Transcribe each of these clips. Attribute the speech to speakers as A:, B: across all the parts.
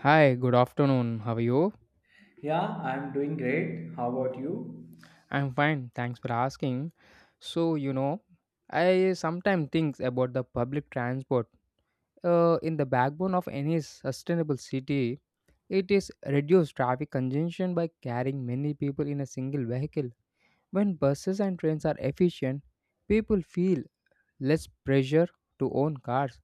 A: Hi, good afternoon. How are you?
B: Yeah, I'm doing great. How about you?
A: I'm fine. Thanks for asking. So, you know, I sometimes think about the public transport. In the backbone of any sustainable city, it is reduced traffic congestion by carrying many people in a single vehicle. When buses and trains are efficient, people feel less pressure to own cars.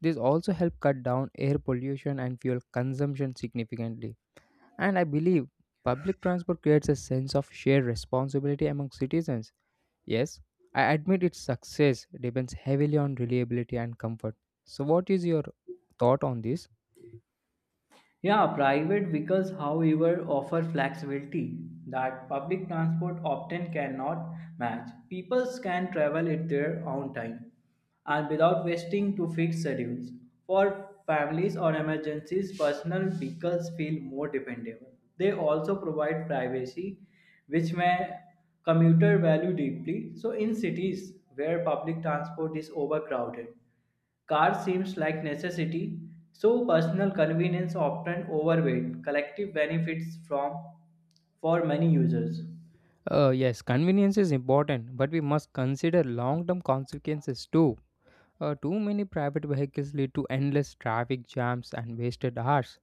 A: This also helps cut down air pollution and fuel consumption significantly. And I believe public transport creates a sense of shared responsibility among citizens. Yes, I admit its success depends heavily on reliability and comfort. So, what is your thought on this?
B: Yeah, private vehicles, however, offer flexibility that public transport often cannot match. People can travel at their own time and without wasting to fixed schedules. For families or emergencies, personal vehicles feel more dependable. They also provide privacy, which may commuter value deeply. So in cities where public transport is overcrowded, car seems like necessity, so personal convenience often overweight collective benefits from for many users.
A: Yes, convenience is important, but we must consider long term consequences too. Too many private vehicles lead to endless traffic jams and wasted hours.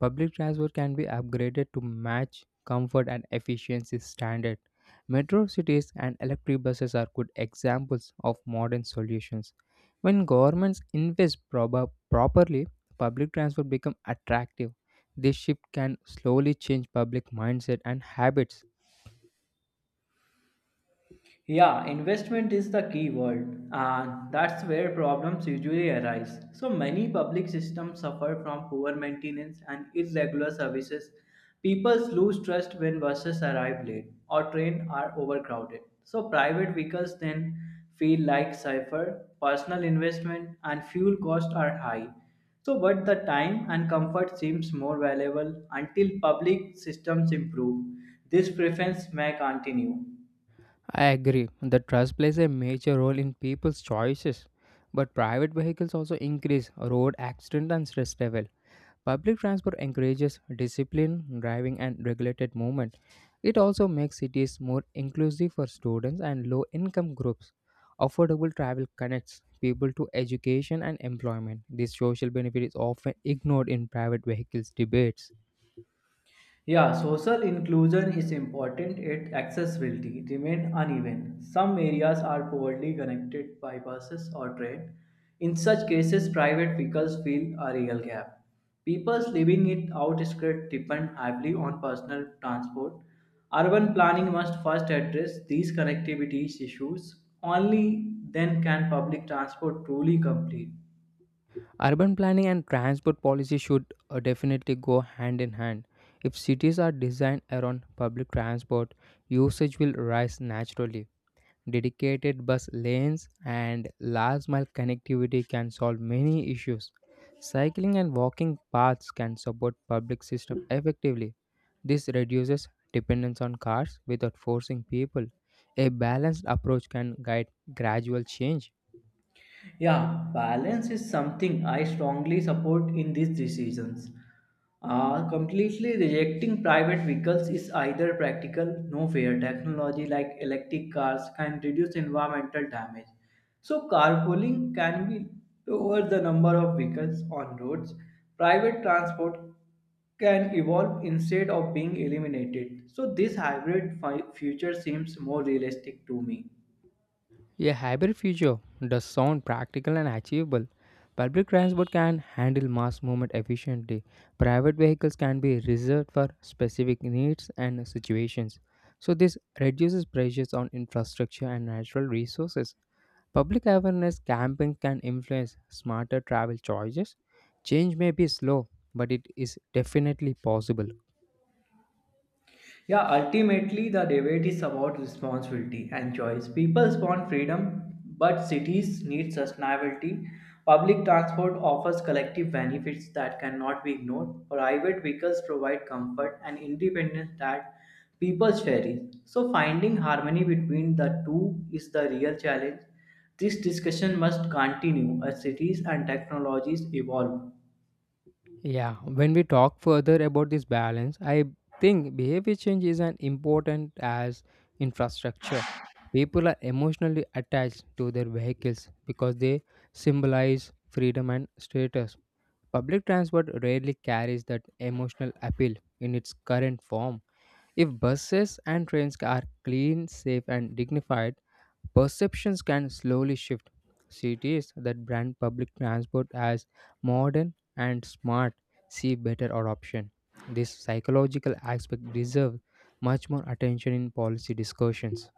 A: Public transport can be upgraded to match comfort and efficiency standard. Metro cities and electric buses are good examples of modern solutions. When governments invest properly, public transport become attractive. This shift can slowly change public mindset and habits.
B: Yeah, investment is the key word, and that's where problems usually arise. So many public systems suffer from poor maintenance and irregular services. People lose trust when buses arrive late or trains are overcrowded. So private vehicles then feel like safer. Personal investment and fuel costs are high. So but the time and comfort seems more valuable until public systems improve. This preference may continue.
A: I agree that trust plays a major role in people's choices, but private vehicles also increase road accident and stress level. Public transport encourages disciplined driving and regulated movement. It also makes cities more inclusive for students and low income groups. Affordable travel connects people to education and employment. This social benefit is often ignored in private vehicles debates.
B: Yeah, social inclusion is important yet accessibility remain uneven. Some areas are poorly connected by buses or train. In such cases, private vehicles fill a real gap. People living in outskirts depend heavily on personal transport. Urban planning must first address these connectivity issues. Only then can public transport truly complete.
A: Urban planning and transport policy should definitely go hand in hand. If cities are designed around public transport, usage will rise naturally. Dedicated bus lanes, and last mile connectivity can solve many issues. Cycling and walking paths can support public system effectively. This reduces dependence on cars without forcing people. A balanced approach can guide gradual change.
B: Yeah, balance is something I strongly support in these decisions. Completely rejecting private vehicles is either practical, no fair. Technology like electric cars can reduce environmental damage. So carpooling can be lower the number of vehicles on roads. Private transport can evolve instead of being eliminated. So this future seems more realistic to me.
A: A hybrid future does sound practical and achievable. Public transport can handle mass movement efficiently. Private vehicles can be reserved for specific needs and situations. So, this reduces pressures on infrastructure and natural resources. Public awareness campaigns can influence smarter travel choices. Change may be slow, but it is definitely possible.
B: Yeah, ultimately, the debate is about responsibility and choice. People want freedom, but cities need sustainability. Public transport offers collective benefits that cannot be ignored. Private vehicles provide comfort and independence that people cherish. So, finding harmony between the two is the real challenge. This discussion must continue as cities and technologies evolve.
A: Yeah, when we talk further about this balance, I think behavior change is as important as infrastructure. People are emotionally attached to their vehicles because they symbolize freedom and status. Public transport rarely carries that emotional appeal in its current form. If buses and trains are clean, safe, and dignified, perceptions can slowly shift. Cities that brand public transport as modern and smart see better adoption. This psychological aspect deserves much more attention in policy discussions.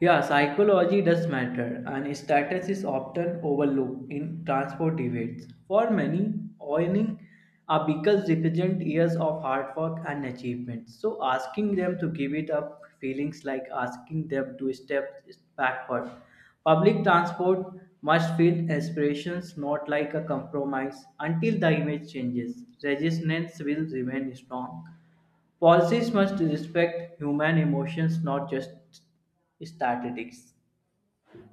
B: Yeah, psychology does matter, and status is often overlooked in transport debates. For many, owning a vehicle represents years of hard work and achievement. So, asking them to give it up feelings like asking them to step backward. Public transport must feel aspirations, not like a compromise. Until the image changes, resistance will remain strong. Policies must respect human emotions, not just statistics.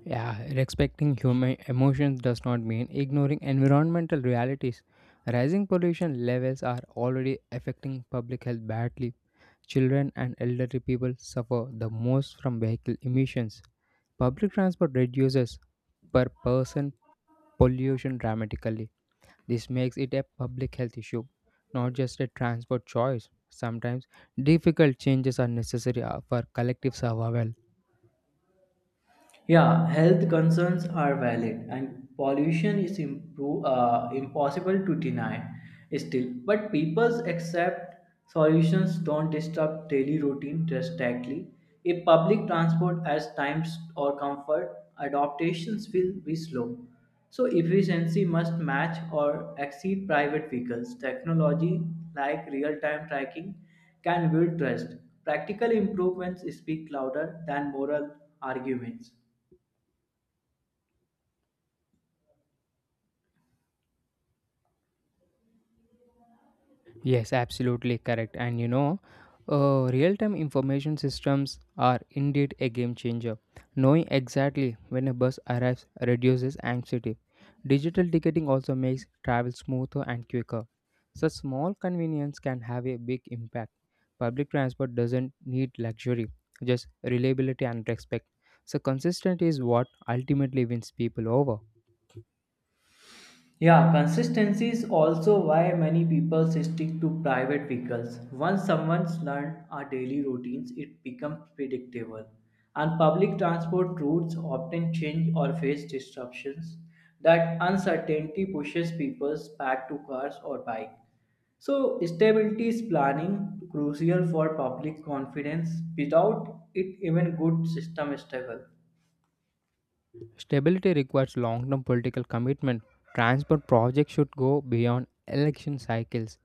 A: Yeah, respecting human emotions does not mean ignoring environmental realities. Rising pollution levels are already affecting public health badly. Children and elderly people suffer the most from vehicle emissions. Public transport reduces per person pollution dramatically. This makes it a public health issue, not just a transport choice. Sometimes difficult changes are necessary for collective survival.
B: Yeah, health concerns are valid and pollution is impossible to deny still. But people accept solutions don't disturb daily routine drastically. If public transport as times or comfort, adaptations will be slow. So efficiency must match or exceed private vehicles. Technology like real-time tracking can build trust. Practical improvements speak louder than moral arguments.
A: Yes, absolutely correct. And real time information systems are indeed a game changer. Knowing exactly when a bus arrives reduces anxiety. Digital ticketing also makes travel smoother and quicker. Such small convenience can have a big impact. Public transport doesn't need luxury, just reliability and respect. So, consistency is what ultimately wins people over.
B: Yeah, consistency is also why many people stick to private vehicles. Once someone's learned our daily routines, it becomes predictable. And public transport routes often change or face disruptions. That uncertainty pushes people back to cars or bike. So, stability is planning crucial for public confidence. Without it, even good system struggle.
A: Stability requires long term political commitment. Transport projects should go beyond election cycles.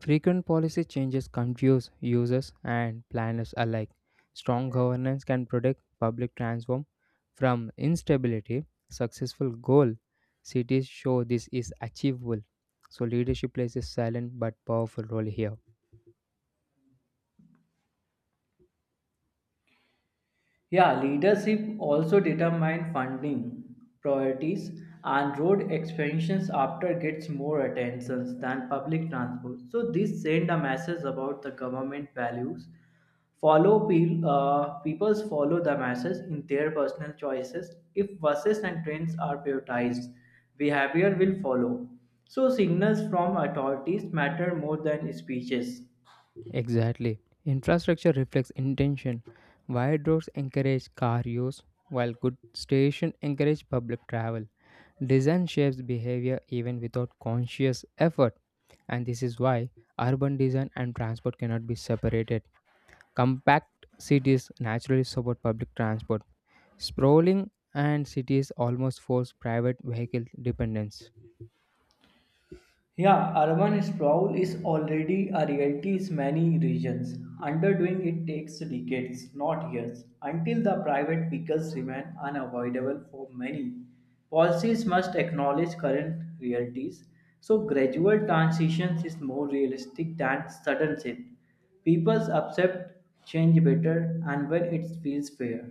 A: Frequent policy changes confuse users and planners alike. Strong governance can protect public transform from instability. Successful goal cities show this is achievable. So leadership plays a silent but powerful role here.
B: Yeah, leadership also determines funding priorities and road expansions after gets more attention than public transport. So this send a message about the government values. Peoples follow the message in their personal choices. If buses and trains are prioritized, behavior will follow. So signals from authorities matter more than speeches.
A: Exactly. Infrastructure reflects intention. Wide roads encourage car use, while good stations encourage public travel. Design shapes behavior even without conscious effort, and this is why urban design and transport cannot be separated. Compact cities naturally support public transport. Sprawling and cities almost force private vehicle dependence.
B: Yeah, urban sprawl is already a reality in many regions. Underdoing it takes decades, not years, until the private vehicles remain unavoidable for many. Policies must acknowledge current realities, so gradual transitions is more realistic than sudden shift. People accept change better and when it feels fair.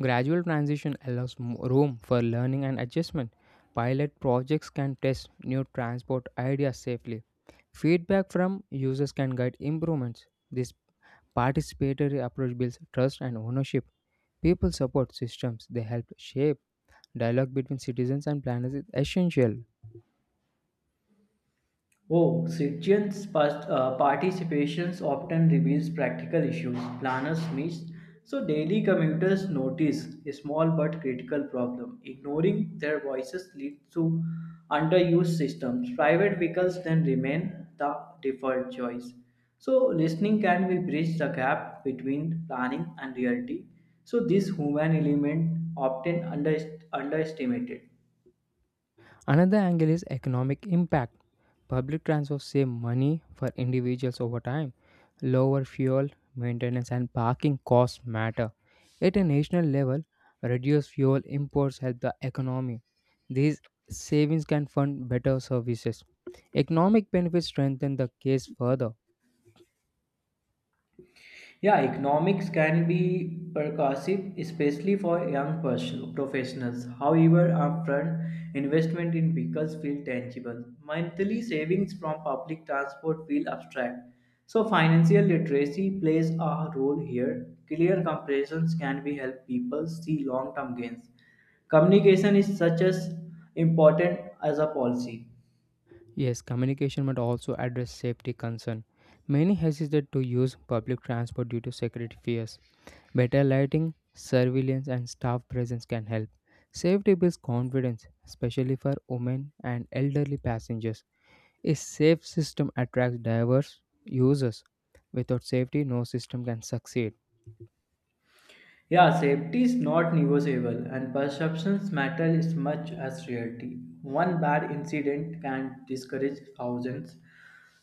A: Gradual transition allows room for learning and adjustment. Pilot projects can test new transport ideas safely. Feedback from users can guide improvements. This participatory approach builds trust and ownership. People support systems they help shape. Dialogue between citizens and planners is essential.
B: Oh, participations often reveals practical issues planners miss, so daily commuters notice a small but critical problem. Ignoring their voices leads to underused systems. Private vehicles then remain the default choice. So listening can be bridge the gap between planning and reality. So this human element often underestimated.
A: Another angle is economic impact. Public transport saves money for individuals over time. Lower fuel, maintenance and parking costs matter. At a national level, reduced fuel imports help the economy. These savings can fund better services. Economic benefits strengthen the case further.
B: Yeah, economics can be percussive, especially for professionals. However, upfront investment in vehicles feel tangible. Monthly savings from public transport feel abstract. So, financial literacy plays a role here. Clear comparisons can be help people see long-term gains. Communication is such as important as a policy.
A: Yes, communication must also address safety concern. Many hesitate to use public transport due to security fears. Better lighting, surveillance, and staff presence can help. Safety builds confidence, especially for women and elderly passengers. A safe system attracts diverse users. Without safety, no system can succeed.
B: Yeah, safety is not negotiable, and perceptions matter as much as reality. One bad incident can discourage thousands.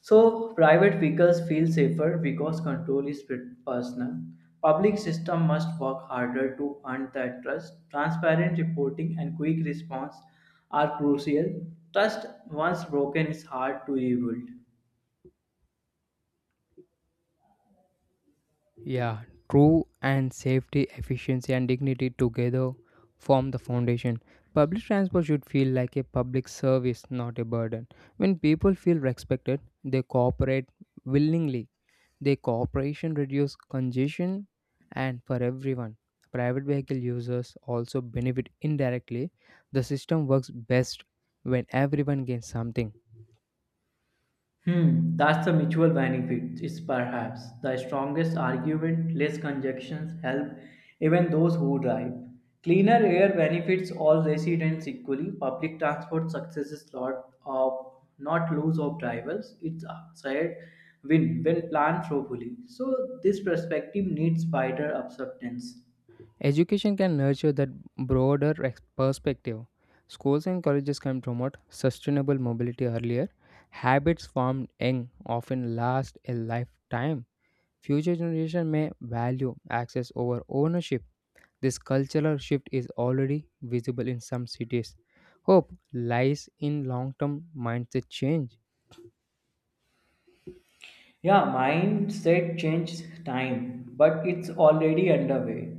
B: So, private vehicles feel safer because control is personal. Public system must work harder to earn that trust. Transparent reporting and quick response are crucial. Trust once broken is hard to rebuild.
A: Yeah, true and safety, efficiency, and dignity together form the foundation. Public transport should feel like a public service, not a burden. When people feel respected, they cooperate willingly. Their cooperation reduces congestion and for everyone. Private vehicle users also benefit indirectly. The system works best when everyone gains something.
B: Hmm, that's the mutual benefit is perhaps the strongest argument. Less congestions help even those who drive. Cleaner air benefits all residents equally. Public transport successes lot of not lose of drivers. It's a shared win when planned thoroughly. So this perspective needs wider acceptance.
A: Education can nurture that broader perspective. Schools and colleges can promote sustainable mobility earlier. Habits formed young often last a lifetime. Future generation may value access over ownership. This cultural shift is already visible in some cities. Hope lies in long term mindset change.
B: Yeah, mindset changed time, but it's already underway.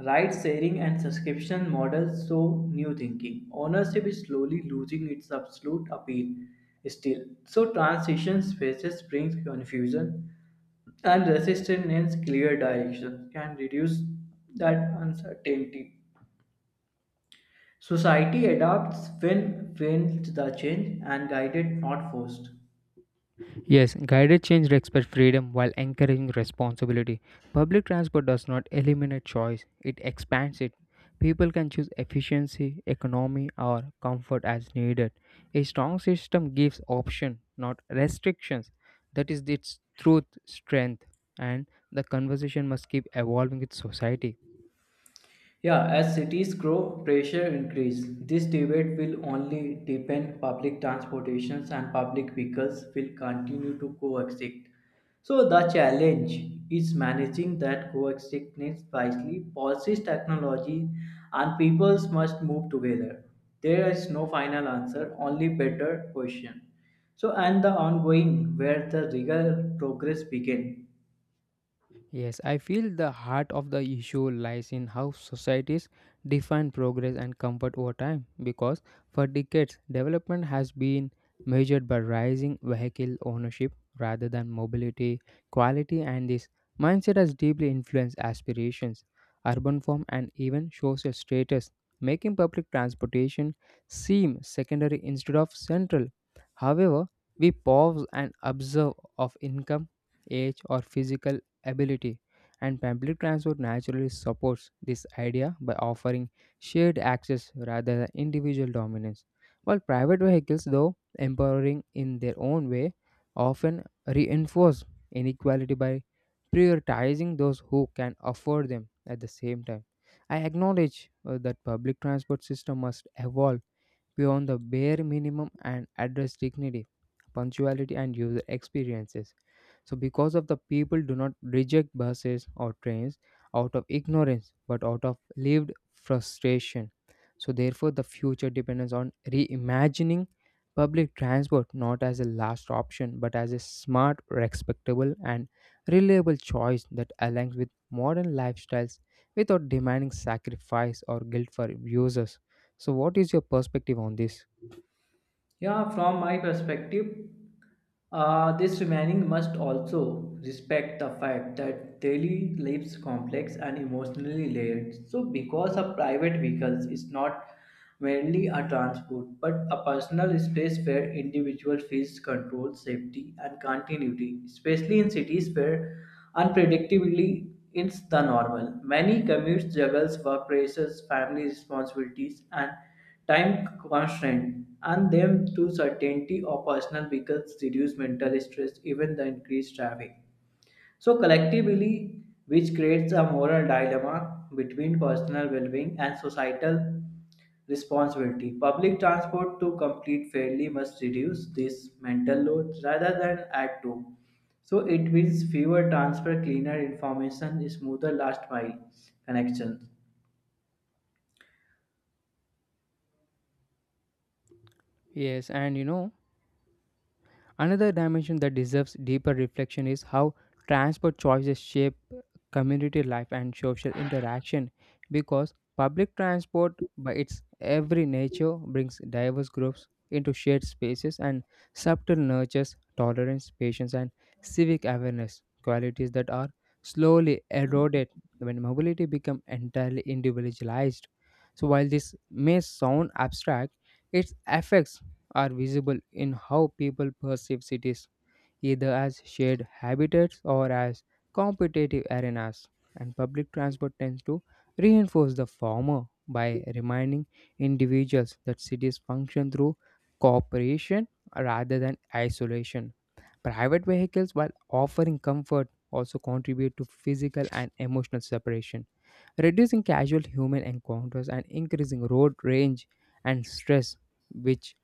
B: Ride sharing and subscription models show new thinking. Ownership is slowly losing its absolute appeal still. So transition spaces brings confusion and resistance clear direction can reduce that uncertainty. Society adapts when the change and guided not forced.
A: Yes, guided change respects freedom while encouraging responsibility. Public transport does not eliminate choice, it expands it. People can choose efficiency, economy, or comfort as needed. A strong system gives option, not restrictions. That is its truth, strength, and the conversation must keep evolving with society.
B: Yeah, as cities grow, pressure increase. This debate will only deepen public transportations and public vehicles will continue to coexist. So the challenge is managing that coexistence wisely. Policies, technology, and peoples must move together. There is no final answer, only better question. So and the ongoing where the real progress begin.
A: Yes, I feel the heart of the issue lies in how societies define progress and comfort over time because for decades development has been measured by rising vehicle ownership rather than mobility, quality and this mindset has deeply influenced aspirations, urban form and even social status, making public transportation seem secondary instead of central. However, we pause and observe of income, age or physical ability, and public transport naturally supports this idea by offering shared access rather than individual dominance. While private vehicles, though empowering in their own way, often reinforce inequality by prioritizing those who can afford them at the same time. I acknowledge that public transport system must evolve beyond the bare minimum and address dignity, punctuality and user experiences so because of the people do not reject buses or trains out of ignorance but out of lived frustration. So therefore the future depends on reimagining public transport not as a last option but as a smart, respectable and reliable choice that aligns with modern lifestyles without demanding sacrifice or guilt for users. So what is your perspective on this?
B: Yeah, from my perspective, this remaining must also respect the fact that daily lives complex and emotionally layered. So, because a private vehicle is not merely a transport but a personal space where individual feels control, safety, and continuity, especially in cities where unpredictability is the normal. Many commutes juggles work pressures, family responsibilities, and time constraint and them to certainty or personal vehicles reduce mental stress even the increased traffic so collectively which creates a moral dilemma between personal well-being and societal responsibility public transport to complete fairly must reduce this mental load rather than add to so it means fewer transfer cleaner information smoother last mile connection.
A: Yes, and you know Another dimension that deserves deeper reflection is how transport choices shape community life and social interaction because public transport by its every nature brings diverse groups into shared spaces and subtle nurtures tolerance patience and civic awareness qualities that are slowly eroded when mobility becomes entirely individualized so while this may sound abstract its effects are visible in how people perceive cities, either as shared habitats or as competitive arenas. And public transport tends to reinforce the former by reminding individuals that cities function through cooperation rather than isolation. Private vehicles, while offering comfort, also contribute to physical and emotional separation reducing casual human encounters and increasing road rage and stress, which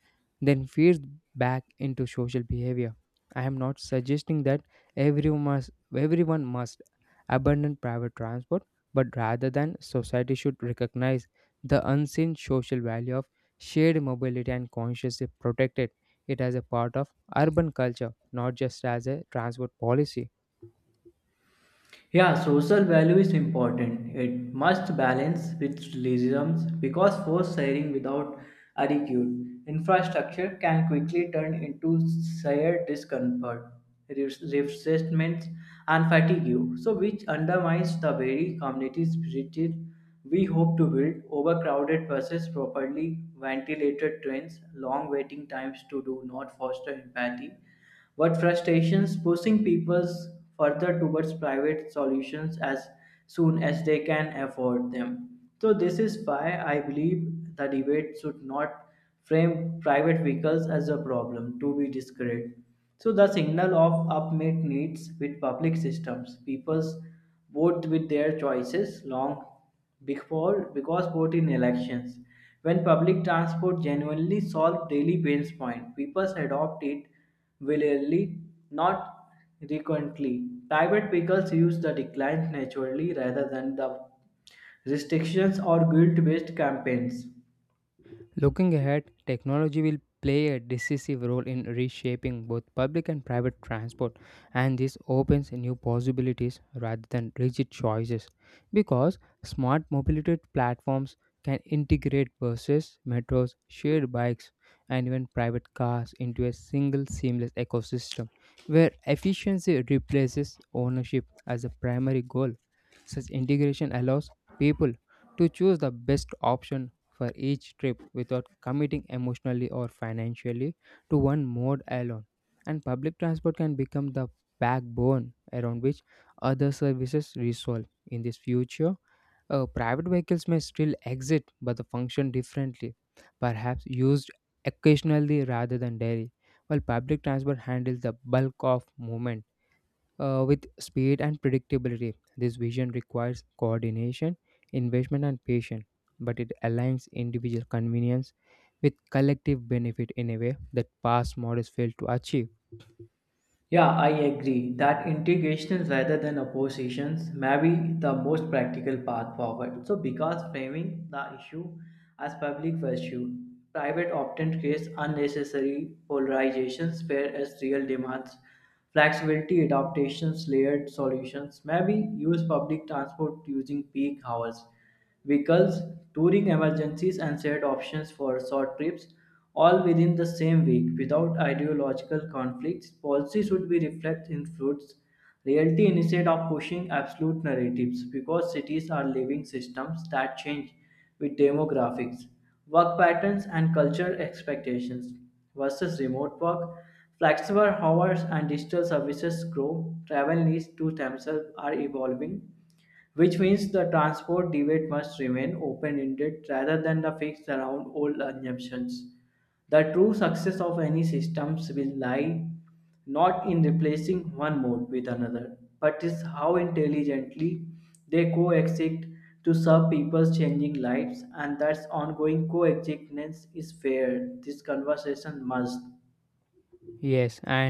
A: then feeds back into social behavior. I am not suggesting that everyone must, everyone must abandon private transport, but rather than society should recognize the unseen social value of shared mobility and consciously protect it it as a part of urban culture, not just as a transport policy.
B: Yeah, social value is important. It must balance with realism because force sharing without adequate infrastructure can quickly turn into shared discomfort, resentment, and fatigue, so which undermines the very community spirit we hope to build. Overcrowded buses, properly ventilated trains, long waiting times to do not foster empathy what frustrations pushing people further towards private solutions as soon as they can afford them. So this is why I believe the debate should not frame private vehicles as a problem to be discouraged. So the signal of upmate needs with public systems, people's vote with their choices long before, because vote in elections, when public transport genuinely solved daily pain's point, people adopt it willingly, not frequently. Private vehicles use the decline naturally rather than the restrictions or guilt-based campaigns.
A: Looking ahead, technology will play a decisive role in reshaping both public and private transport, and this opens new possibilities rather than rigid choices. Because smart mobility platforms can integrate buses, metros, shared bikes, and even private cars into a single seamless ecosystem where efficiency replaces ownership as a primary goal. Such integration allows people to choose the best option for each trip without committing emotionally or financially to one mode alone. And public transport can become the backbone around which other services resolve. In this future, private vehicles may still exist but they function differently, perhaps used occasionally rather than daily, while public transport handles the bulk of movement with speed and predictability. This vision requires coordination, investment, and patience, but it aligns individual convenience with collective benefit in a way that past models failed to achieve.
B: Yeah, I agree that integrations rather than oppositions may be the most practical path forward. So, because framing the issue as public virtue, private often creates unnecessary polarizations, whereas real demands, flexibility, adaptations, layered solutions may be use public transport using peak hours vehicles, touring emergencies, and shared options for short trips, all within the same week without ideological conflicts. Policy should be reflect in fruits reality instead of pushing absolute narratives because cities are living systems that change with demographics, work patterns, and cultural expectations versus remote work. Flexible hours and digital services grow, travel needs to themselves are evolving which means the transport debate must remain open ended rather than the fixed around old assumptions. The true success of any systems will lie not in replacing one mode with another, but is how intelligently they coexist to serve people's changing lives, and that ongoing coexistence is fair. This conversation must.
A: Yes, and